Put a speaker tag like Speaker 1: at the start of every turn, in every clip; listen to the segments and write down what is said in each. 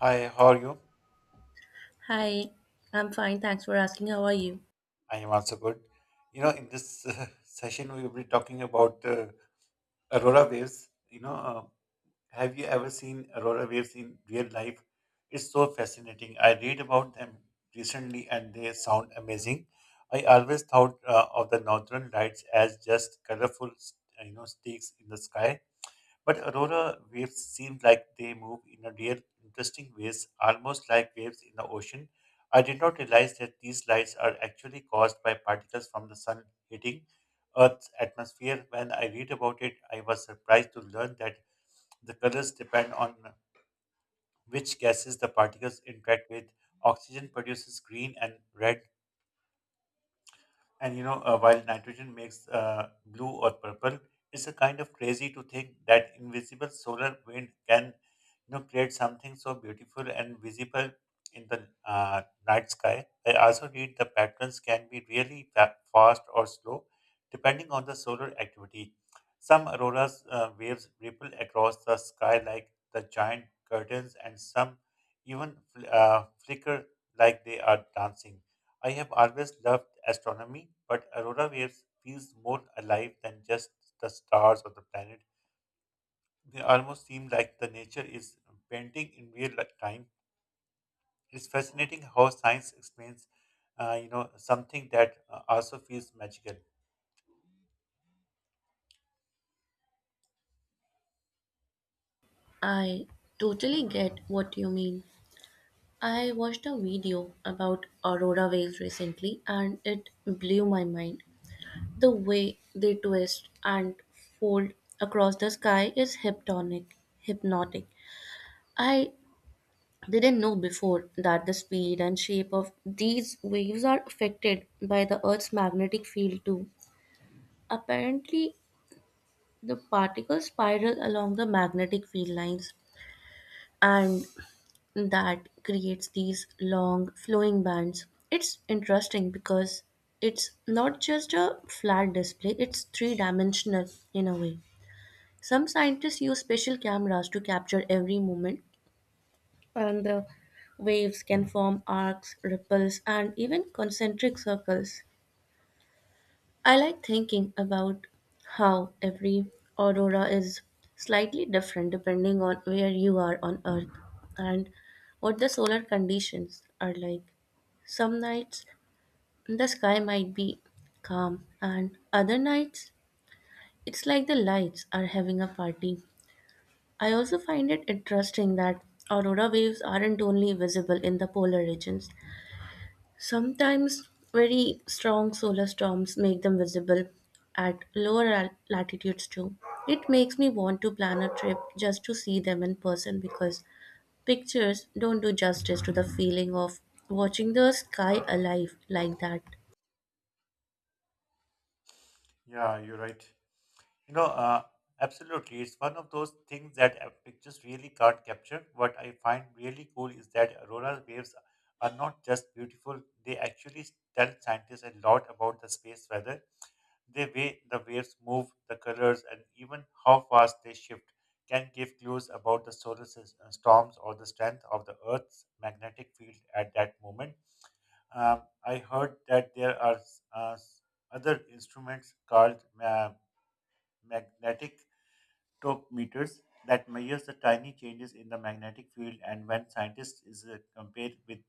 Speaker 1: Hi, how are you?
Speaker 2: Hi, I'm fine. Thanks for asking. How are you?
Speaker 1: I am also good. In this session, we will be talking about aurora waves. Have you ever seen aurora waves in real life? It's so fascinating. I read about them recently and they sound amazing. I always thought of the northern lights as just colorful, streaks in the sky. But aurora waves seem like they move in a real interesting ways, almost like waves in the ocean. I did not realize that these lights are actually caused by particles from the sun hitting Earth's atmosphere. When I read about it, I was surprised to learn that the colors depend on which gases the particles interact with. Oxygen produces green and red, and while nitrogen makes blue or purple. It's a kind of crazy to think that invisible solar wind can, create something so beautiful and visible in the night sky. I also read the patterns can be really fast or slow, depending on the solar activity. Some auroras waves ripple across the sky like the giant curtains, and some even flicker like they are dancing. I have always loved astronomy, but aurora waves feels more alive than just the stars or the planet. They almost seem like the nature is painting in real time. It's fascinating how science explains, something that also feels magical.
Speaker 2: I totally get what you mean. I watched a video about Aurora whales recently and it blew my mind. The way they twist and fold across the sky is hypnotic. I didn't know before that the speed and shape of these waves are affected by the Earth's magnetic field too. Apparently, the particles spiral along the magnetic field lines and that creates these long flowing bands. It's interesting because it's not just a flat display, it's three dimensional in a way. Some scientists use special cameras to capture every moment, and the waves can form arcs, ripples, and even concentric circles. I like thinking about how every aurora is slightly different depending on where you are on Earth and what the solar conditions are like. Some nights the sky might be calm, and other nights it's like the lights are having a party. I also find it interesting that aurora waves aren't only visible in the polar regions. Sometimes very strong solar storms make them visible at lower latitudes too. It makes me want to plan a trip just to see them in person because pictures don't do justice to the feeling of watching the sky alive like that.
Speaker 1: Yeah, you're right. You know, uh, Absolutely. It's one of those things that pictures really can't capture. What I find really cool is that auroral waves are not just beautiful, they actually tell scientists a lot about the space weather. The way the waves move, the colors, and even how fast they shift can give clues about the storms or the strength of the Earth's magnetic field at that moment. I heard that there are other instruments called magnetic spectrometers that measures the tiny changes in the magnetic field, and when scientists is compared with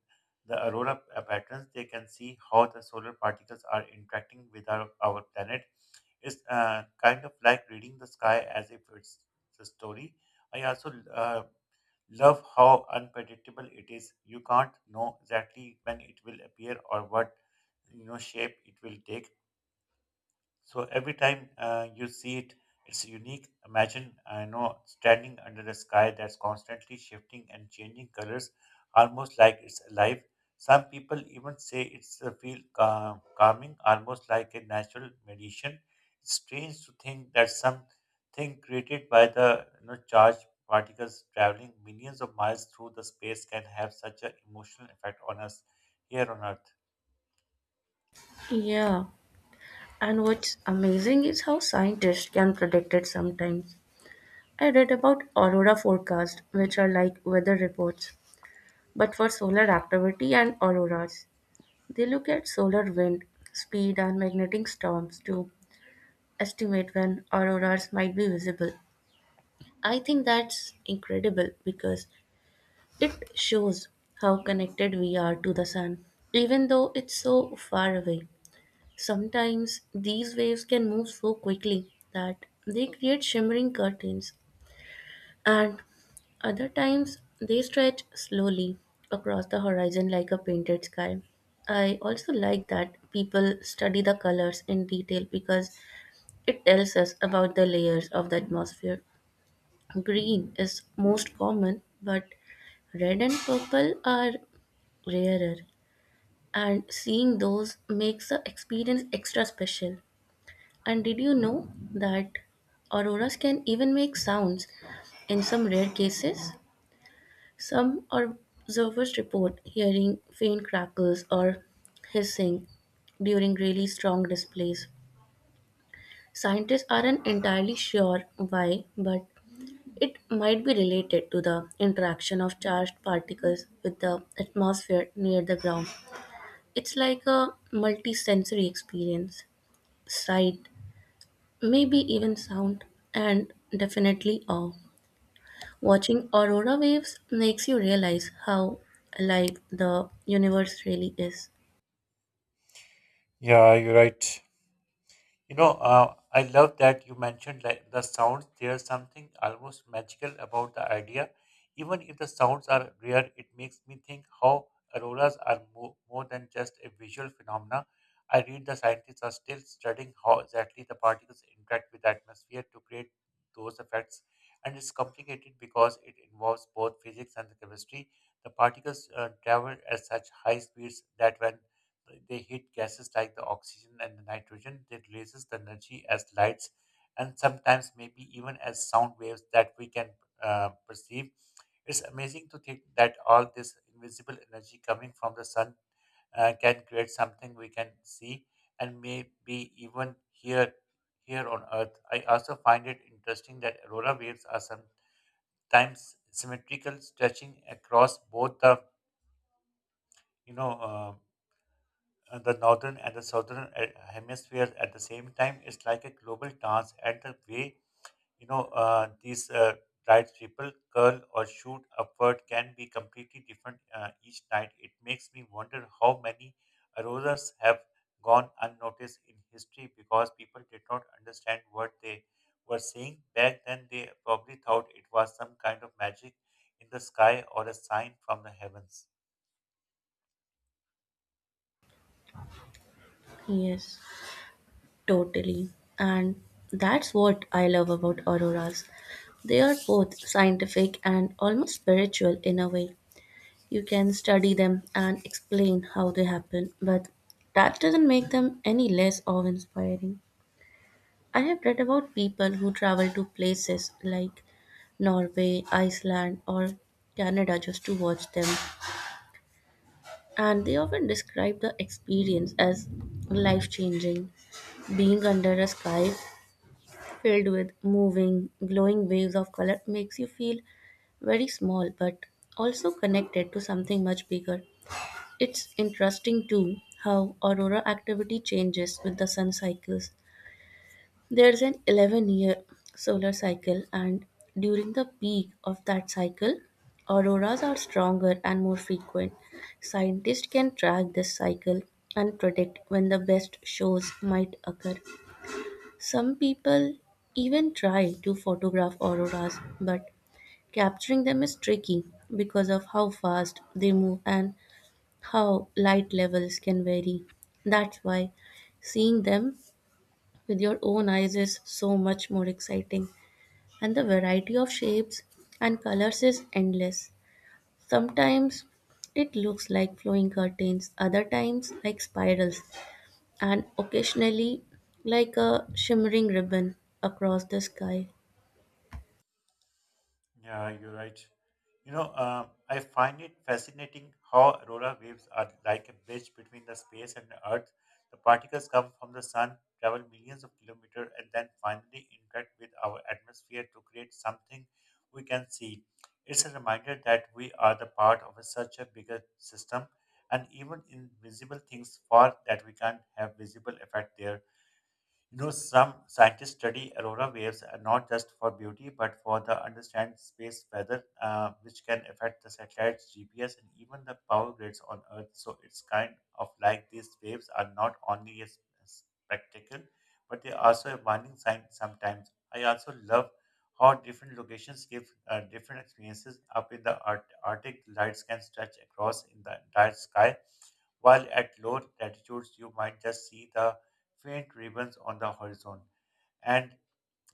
Speaker 1: the aurora patterns, they can see how the solar particles are interacting with our planet. It's kind of like reading the sky as if it's a story. I also love how unpredictable it is. You can't know exactly when it will appear or what shape it will take, so every time you see it, it's unique. Imagine, I know, standing under the sky that's constantly shifting and changing colors, almost like it's alive. Some people even say it's a feel calm, calming, almost like a natural meditation. It's strange to think that something created by the charged particles traveling millions of miles through the space can have such an emotional effect on us here on Earth.
Speaker 2: Yeah, and what's amazing is how scientists can predict it sometimes. I read about aurora forecast, which are like weather reports, but for solar activity and auroras. They look at solar wind speed and magnetic storms to estimate when auroras might be visible. I think that's incredible because it shows how connected we are to the sun, even though it's so far away. Sometimes these waves can move so quickly that they create shimmering curtains, and other times, they stretch slowly across the horizon like a painted sky. I also like that people study the colors in detail because it tells us about the layers of the atmosphere. Green is most common, but red and purple are rarer, and seeing those makes the experience extra special. And did you know that auroras can even make sounds in some rare cases? Some observers report hearing faint crackles or hissing during really strong displays. Scientists aren't entirely sure why, but it might be related to the interaction of charged particles with the atmosphere near the ground. It's like a multisensory experience: sight, maybe even sound, and definitely awe. Watching aurora waves makes you realize how alive the universe really is.
Speaker 1: Yeah, you're right. I love that you mentioned like the sounds. There's something almost magical about the idea. Even if the sounds are rare, it makes me think how auroras are more than just a visual phenomena. I read the scientists are still studying how exactly the particles interact with the atmosphere to create those effects, and it's complicated because it involves both physics and the chemistry. The particles travel at such high speeds that when they heat gases like the oxygen and the nitrogen, that releases the energy as lights and sometimes maybe even as sound waves that we can perceive. It's amazing to think that all this invisible energy coming from the sun can create something we can see and maybe even hear here on Earth. I also find it interesting that aurora waves are sometimes symmetrical, stretching across both the you know uh, the northern and the southern hemispheres at the same time. It's like a global dance, and the way you know these bright people curl or shoot upward can be completely different each night. It makes me wonder how many auroras have gone unnoticed in history because people did not understand what they were seeing back then. They probably thought it was some kind of magic in the sky or a sign from the heavens.
Speaker 2: Yes, totally. And that's what I love about auroras. They are both scientific and almost spiritual in a way. You can study them and explain how they happen, but that doesn't make them any less awe inspiring. I have read about people who travel to places like Norway, Iceland, or Canada just to watch them, and they often describe the experience as life changing. Being under a sky filled with moving, glowing waves of color makes you feel very small but also connected to something much bigger. It's interesting too how aurora activity changes with the sun cycles. There's an 11-year solar cycle, and during the peak of that cycle, auroras are stronger and more frequent. Scientists can track this cycle and predict when the best shows might occur. Some people even try to photograph auroras, but capturing them is tricky because of how fast they move and how light levels can vary. That's why seeing them with your own eyes is so much more exciting. And the variety of shapes and colors is endless. Sometimes it looks like flowing curtains, other times like spirals, and occasionally like a shimmering ribbon across the sky.
Speaker 1: Yeah, you're right. I find it fascinating how aurora waves are like a bridge between the space and the Earth. The particles come from the sun, travel millions of kilometers, and then finally interact with our atmosphere to create something we can see. It's a reminder that we are the part of a, such a bigger system, and even invisible things far that we can't have visible effect there. You know, some scientists study aurora waves not just for beauty, but for the understand space weather, which can affect the satellites, GPS, and even the power grids on Earth. So it's kind of like these waves are not only a spectacle, but they are also a warning sign sometimes. I also love how different locations give different experiences. Up in the Arctic, lights can stretch across in the entire sky, while at low latitudes you might just see the faint ribbons on the horizon. And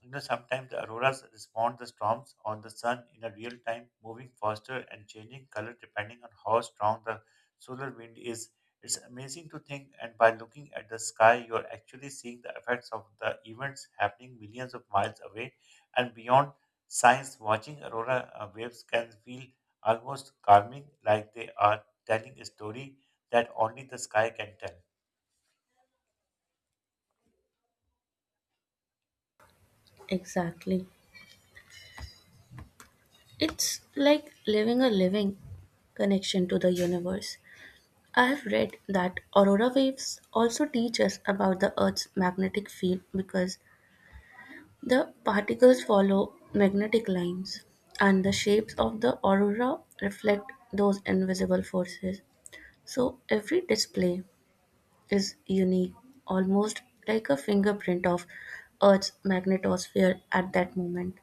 Speaker 1: you know, sometimes the auroras respond the storms on the sun in a real time, moving faster and changing color depending on how strong the solar wind is. It's amazing to think, and by looking at the sky, you are actually seeing the effects of the events happening millions of miles away and beyond. Science watching aurora waves can feel almost calming, like they are telling a story that only the sky can tell.
Speaker 2: Exactly. It's like living connection to the universe. I have read that aurora waves also teach us about the Earth's magnetic field because the particles follow magnetic lines, and the shapes of the aurora reflect those invisible forces. So every display is unique, almost like a fingerprint of Earth's magnetosphere at that moment.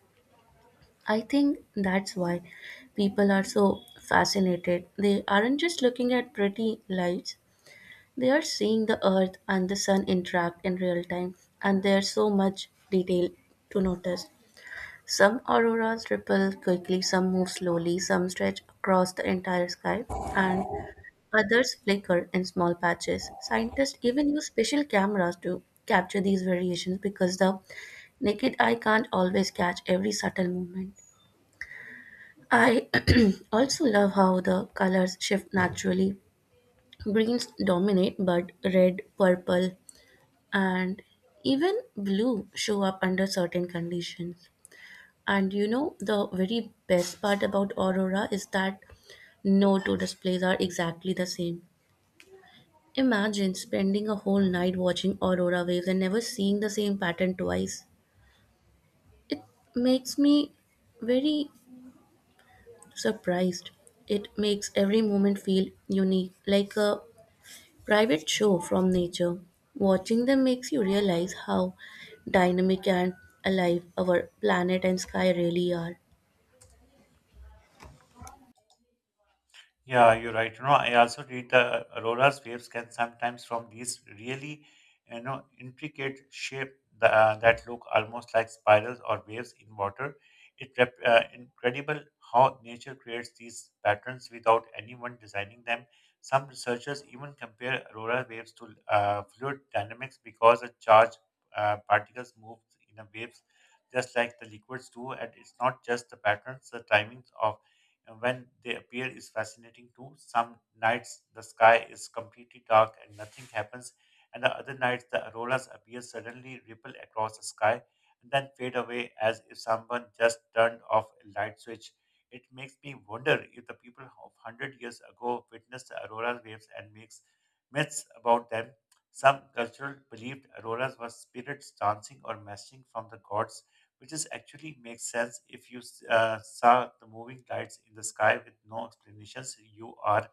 Speaker 2: I think that's why people are so fascinated. They aren't just looking at pretty lights, they are seeing the Earth and the Sun interact in real time, and there's so much detail to notice. Some auroras ripple quickly, some move slowly, some stretch across the entire sky, and others flicker in small patches. Scientists even use special cameras to capture these variations because the naked eye can't always catch every subtle movement. I also love how the colors shift naturally. Greens dominate, but red, purple, and even blue show up under certain conditions. And you know, the very best part about Aurora is that no two displays are exactly the same. Imagine spending a whole night watching Aurora waves and never seeing the same pattern twice. It makes me very surprised. It makes every moment feel unique, like a private show from nature. Watching them makes you realize how dynamic and alive our planet and sky really are.
Speaker 1: Yeah, you're right. You know, I also read the aurora's waves can sometimes from these really, intricate shape that, that look almost like spirals or waves in water. It incredible how nature creates these patterns without anyone designing them. Some researchers even compare aurora waves to fluid dynamics because the charged particles move in the waves just like the liquids do, and it's not just the patterns, the timings of when they appear is fascinating too. Some nights the sky is completely dark and nothing happens, and the other nights the auroras appear suddenly, ripple across the sky, and then fade away as if someone just turned off a light switch. It makes me wonder if the people of hundred years ago witnessed the aurora waves and makes myths about them. Some cultural believed auroras were spirits dancing or messaging from the gods, which is actually makes sense if you saw the moving lights in the sky with no explanations. You are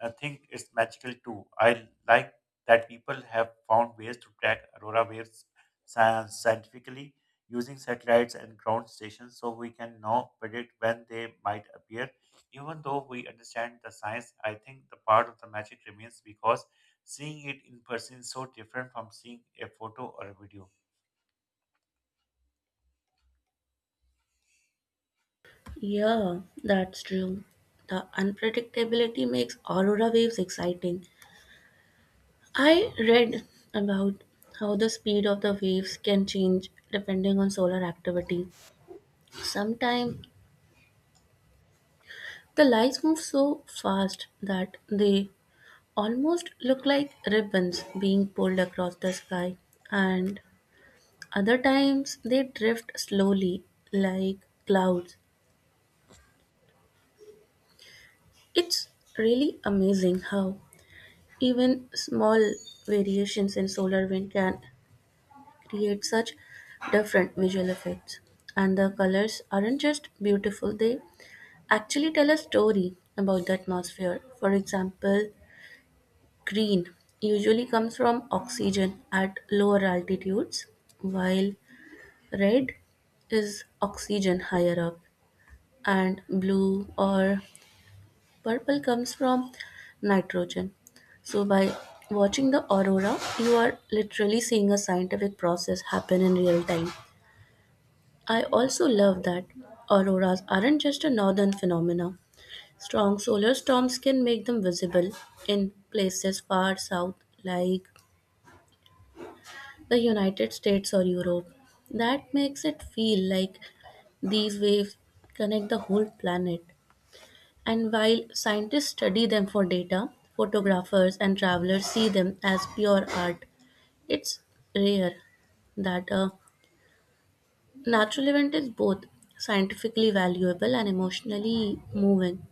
Speaker 1: think it's magical too. I like that people have found ways to track aurora waves scientifically using satellites and ground stations, so we can now predict when they might appear. Even though we understand the science, I think the part of the magic remains because seeing it in person is so different from seeing a photo or a video.
Speaker 2: Yeah, that's true. The unpredictability makes aurora waves exciting. I read about how the speed of the waves can change depending on solar activity. Sometimes the lights move so fast that they almost look like ribbons being pulled across the sky, and other times they drift slowly like clouds. It's really amazing how even small variations in solar wind can create such different visual effects. And the colors aren't just beautiful, they actually tell a story about the atmosphere. For example, green usually comes from oxygen at lower altitudes, while red is oxygen higher up, and blue or purple comes from nitrogen. So, by watching the aurora, you are literally seeing a scientific process happen in real time. I also love that auroras aren't just a northern phenomena. Strong solar storms can make them visible in places far south, like the United States or Europe. That makes it feel like these waves connect the whole planet. And while scientists study them for data, photographers and travelers see them as pure art. It's rare that a natural event is both scientifically valuable and emotionally moving.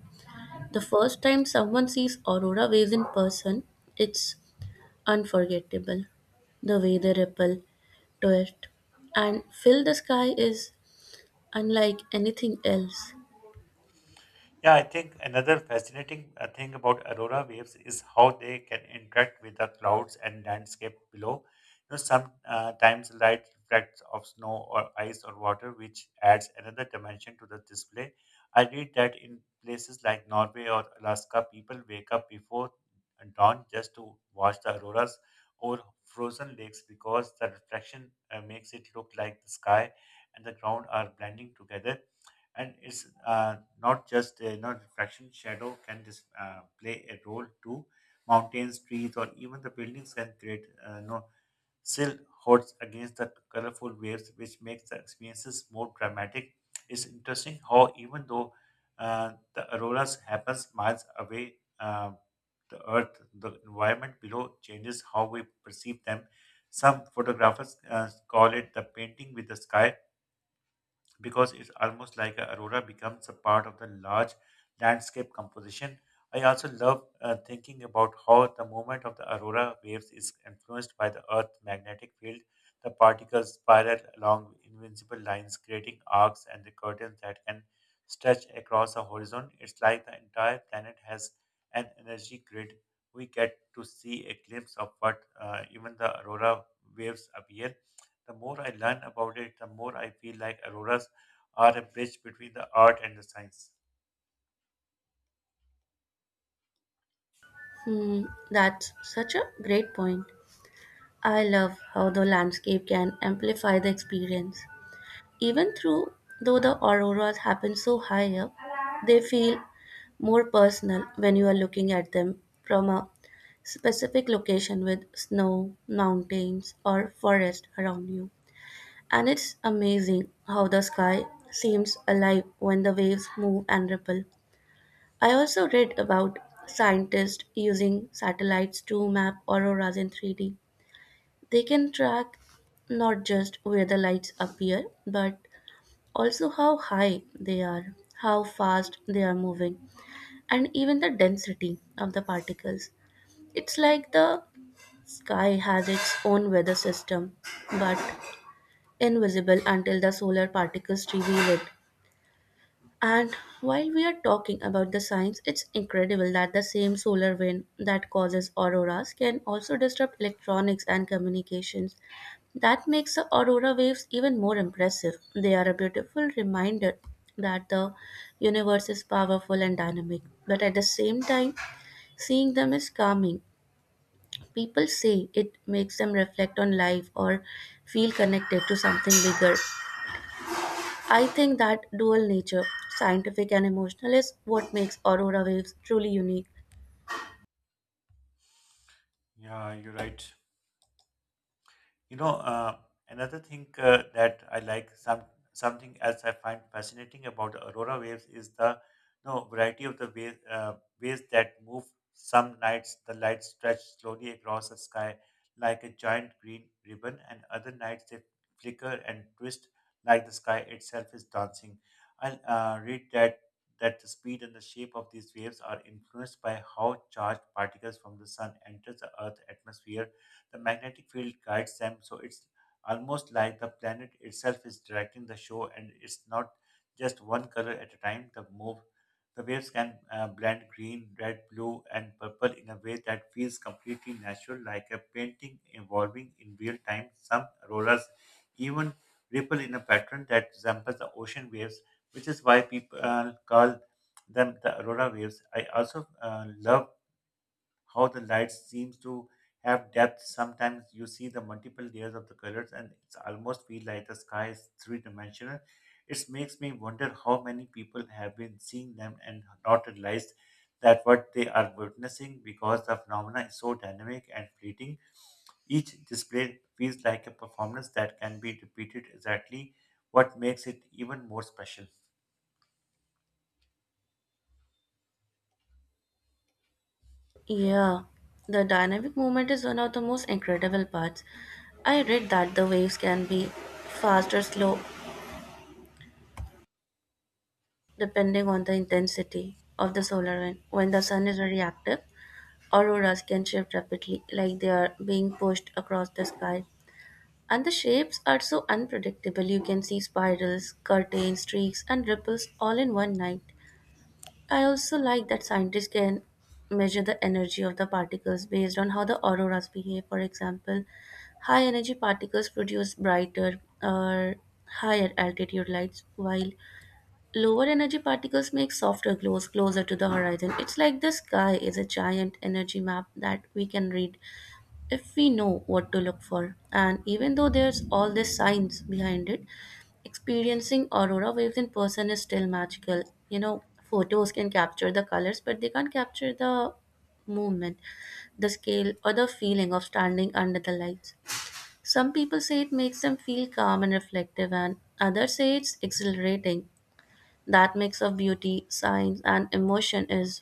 Speaker 2: The first time someone sees aurora waves in person, it's unforgettable. The way they ripple, twist, and fill the sky is unlike anything else.
Speaker 1: Yeah, I think another fascinating thing about aurora waves is how they can interact with the clouds and landscape below. You know, sometimes light reflects off snow or ice or water, which adds another dimension to the display. I read that in places like Norway or Alaska, people wake up before dawn just to watch the auroras over frozen lakes because the reflection makes it look like the sky and the ground are blending together. And it's not just reflection, shadow can play a role too. Mountains, trees, or even the buildings can create silhouettes against the colorful waves, which makes the experiences more dramatic. It's interesting how, even though the auroras happens miles away, the earth, the environment below changes how we perceive them. Some photographers call it the painting with the sky because it's almost like a aurora becomes a part of the large landscape composition. I also love thinking about how the movement of the aurora waves is influenced by the Earth's magnetic field. The particles spiral along invincible lines, creating arcs and the curtains that can stretch across the horizon. It's like the entire planet has an energy grid. We get to see a glimpse of what even the aurora waves appear. The more I learn about it, the more I feel like auroras are a bridge between the art and the science.
Speaker 2: Hmm, that's such a great point. I love how the landscape can amplify the experience. Even through though the auroras happen so high up, they feel more personal when you are looking at them from a specific location with snow, mountains, or forest around you. And it's amazing how the sky seems alive when the waves move and ripple. I also read about scientists using satellites to map auroras in 3D. They can track not just where the lights appear, but also how high they are, how fast they are moving, and even the density of the particles. It's like the sky has its own weather system, but invisible until the solar particles reveal it. And while we are talking about the science, it's incredible that the same solar wind that causes auroras can also disrupt electronics and communications. That makes the aurora waves even more impressive. They are a beautiful reminder that the universe is powerful and dynamic, but at the same time, seeing them is calming. People say it makes them reflect on life or feel connected to something bigger. I think that dual nature, scientific and emotional, is what makes aurora waves truly unique.
Speaker 1: Yeah, you're right. You know, uh, Another thing that I like, some something else I find fascinating about the aurora waves is the variety of the ways ways that move. Some nights the lights stretch slowly across the sky like a giant green ribbon, and other nights they flicker and twist like the sky itself is dancing. I read that the speed and the shape of these waves are influenced by how charged particles from the sun enters the Earth's atmosphere. The magnetic field guides them. So it's almost like the planet itself is directing the show, and it's not just one color at a time. The waves can blend green, red, blue, and purple in a way that feels completely natural, like a painting evolving in real time. Some auroras even ripple in a pattern that resembles the ocean waves, which is why people call them the aurora waves. I also love how the light seems to have depth. Sometimes you see the multiple layers of the colors and it's almost feel like the sky is three-dimensional. It makes me wonder how many people have been seeing them and not realized that what they are witnessing because the phenomena is so dynamic and fleeting. Each display feels like a performance that can be repeated exactly what makes it even more special.
Speaker 2: Yeah, the dynamic movement is one of the most incredible parts. I read that the waves can be fast or slow, depending on the intensity of the solar wind. When the sun is very active, auroras can shift rapidly, like they are being pushed across the sky. And the shapes are so unpredictable. You can see spirals, curtains, streaks, and ripples all in one night. I also like that scientists can measure the energy of the particles based on how the auroras behave. For example, high energy particles produce brighter or higher altitude lights, while lower energy particles make softer glows closer to the horizon. It's like the sky is a giant energy map that we can read if we know what to look for. And even though there's all this science behind it, experiencing aurora waves in person is still magical. You know, photos can capture the colors, but they can't capture the movement, the scale, or the feeling of standing under the lights. Some people say it makes them feel calm and reflective, and others say it's exhilarating. That mix of beauty, science, and emotion is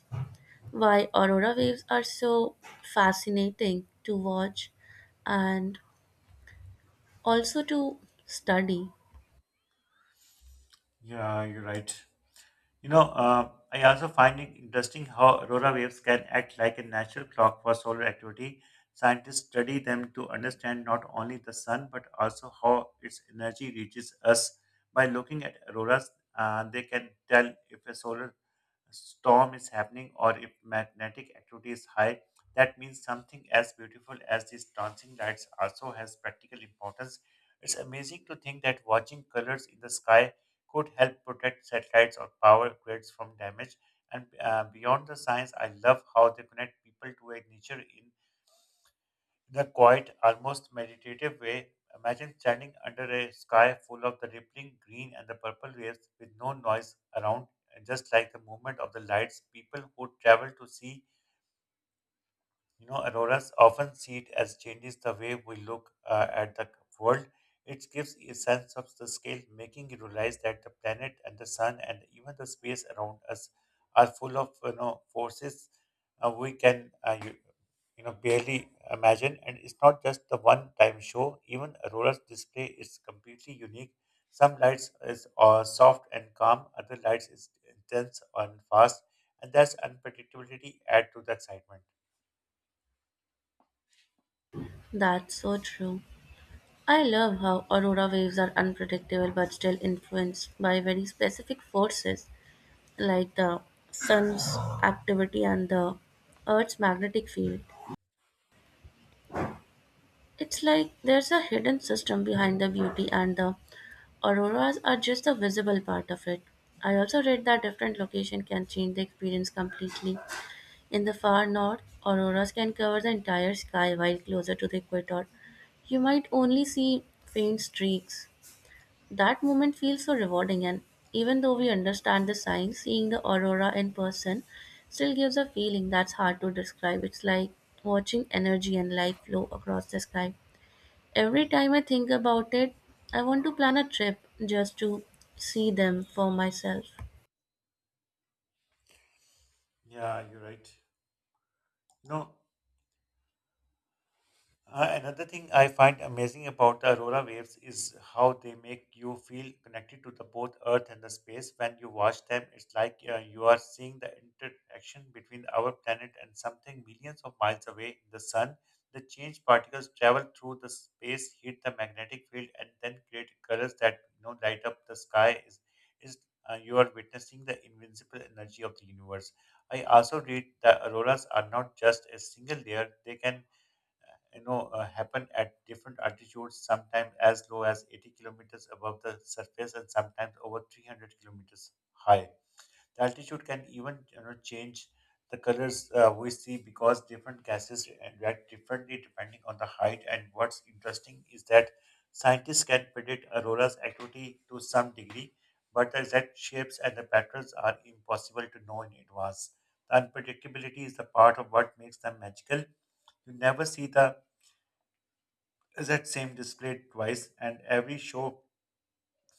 Speaker 2: why aurora waves are so fascinating to watch and also to study.
Speaker 1: Yeah, you're right. I also find it interesting how aurora waves can act like a natural clock for solar activity. Scientists study them to understand not only the sun but also how its energy reaches us. By looking at auroras, they can tell if a solar storm is happening or if magnetic activity is high, that means something as beautiful as these dancing lights also has practical importance. It's amazing to think that watching colors in the sky could help protect satellites or power grids from damage. And beyond the science, I love how they connect people to a nature in a quiet, almost meditative way, imagine standing under a sky full of the rippling green and the purple waves with no noise around, and just like the movement of the lights. People who travel to see, auroras often see it as changes the way we look at the world. It gives a sense of the scale, making you realize that the planet and the sun and even the space around us are full of forces we can barely imagine, and it's not just the one time show. Even a roller's display is completely unique. Some lights is soft and calm, other lights is intense and fast, and that's unpredictability add to the excitement.
Speaker 2: That's so true. I love how aurora waves are unpredictable but still influenced by very specific forces like the sun's activity and the earth's magnetic field. It's like there's a hidden system behind the beauty, and the auroras are just the visible part of it. I also read that different location can change the experience completely. In the far north, auroras can cover the entire sky, while closer to the equator, you might only see faint streaks. That moment feels so rewarding, and even though we understand the science, seeing the aurora in person still gives a feeling that's hard to describe. It's like watching energy and light flow across the sky. Every time I think about it, I want to plan a trip just to see them for myself.
Speaker 1: Yeah, you're right. No. Another thing I find amazing about the aurora waves is how they make you feel connected to the both Earth and the space. When you watch them, it's like you are seeing the interaction between our planet and something millions of miles away in the sun. The charged particles travel through the space, hit the magnetic field, and then create colors that light up the sky. Is You are witnessing the invincible energy of the universe. I also read that auroras are not just a single layer; they can happen at different altitudes, sometimes as low as 80 kilometers above the surface and sometimes over 300 kilometers high. The altitude can even change the colors we see because different gases react differently depending on the height. And what's interesting is that scientists can predict aurora's activity to some degree, but the exact shapes and the patterns are impossible to know in advance. The unpredictability is the part of what makes them magical. You never see the that same display twice, and every show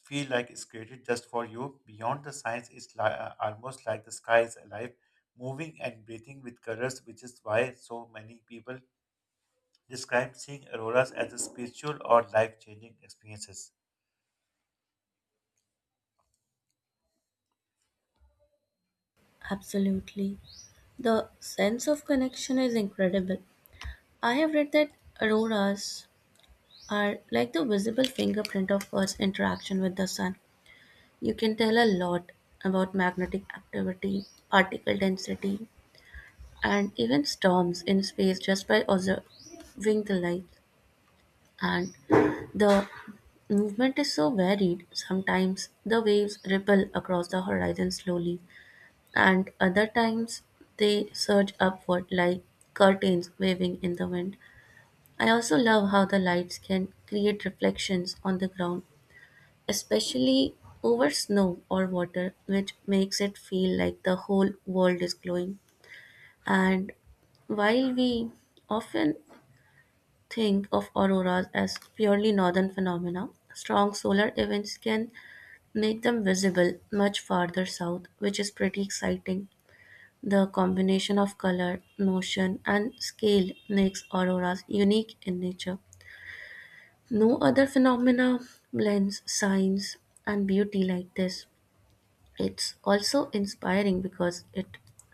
Speaker 1: feel like it's created just for you. Beyond the science, almost like the sky is alive, moving and breathing with colors, which is why so many people describe seeing auroras as a spiritual or life-changing experiences.
Speaker 2: Absolutely. The sense of connection is incredible. I have read that auroras are like the visible fingerprint of Earth's interaction with the sun. You can tell a lot about magnetic activity, particle density, and even storms in space just by observing the light. And the movement is so varied. Sometimes the waves ripple across the horizon slowly, and other times they surge upward like curtains waving in the wind. I also love how the lights can create reflections on the ground, especially over snow or water, which makes it feel like the whole world is glowing. And while we often think of auroras as purely northern phenomena, strong solar events can make them visible much farther south, which is pretty exciting. The combination of color, motion, and scale makes auroras unique in nature. No other phenomena blends science and beauty like this. It's also inspiring because it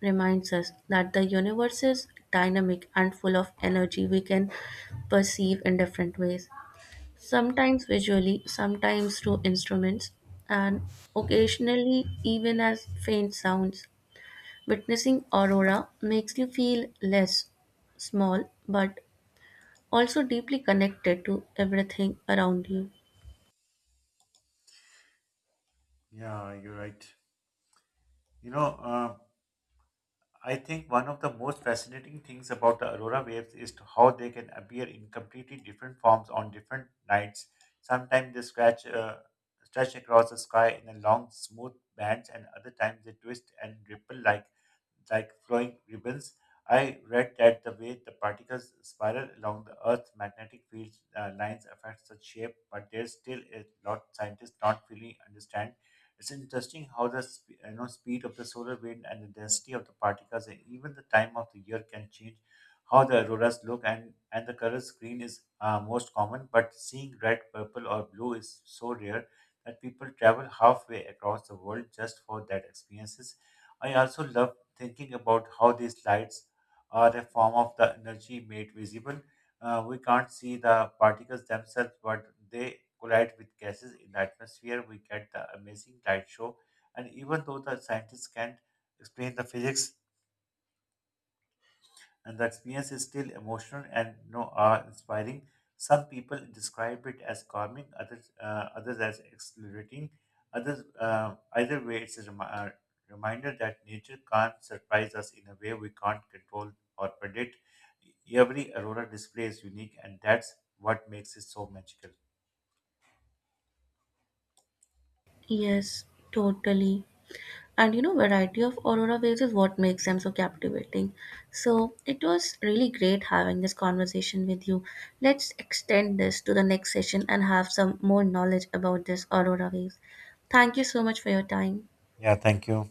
Speaker 2: reminds us that the universe is dynamic and full of energy we can perceive in different ways, sometimes visually, sometimes through instruments, and occasionally even as faint sounds. Witnessing aurora makes you feel less small but also deeply connected to everything around you.
Speaker 1: Yeah, you're right. You know, uh, I think one of the most fascinating things about the aurora waves is to how they can appear in completely different forms on different nights. Sometimes they scratch, uh, stretch across the sky in a long, smooth bands, and other times they twist and ripple like flowing ribbons. I read that the way the particles spiral along the Earth's magnetic field lines affects the shape, but there's still a lot scientists not fully understand. It's interesting how the sp- you know, speed of the solar wind and the density of the particles and even the time of the year can change how the auroras look, and the color screen is most common, but seeing red, purple or blue is so rare that people travel halfway across the world just for that experiences. I also love thinking about how these lights are a form of the energy made visible. We can't see the particles themselves, but they collide with gases in the atmosphere. We get the amazing light show. And even though the scientists can't explain the physics, and the experience is still emotional and are inspiring. Some people describe it as calming, others as exhilarating. Either way, reminder that nature can't surprise us in a way we can't control or predict. Every aurora display is unique, and that's what makes it so magical.
Speaker 2: Yes, totally. And you know, variety of aurora waves is what makes them so captivating. So it was really great having this conversation with you. Let's extend this to the next session and have some more knowledge about this aurora waves. Thank you so much for your time.
Speaker 1: Yeah, thank you.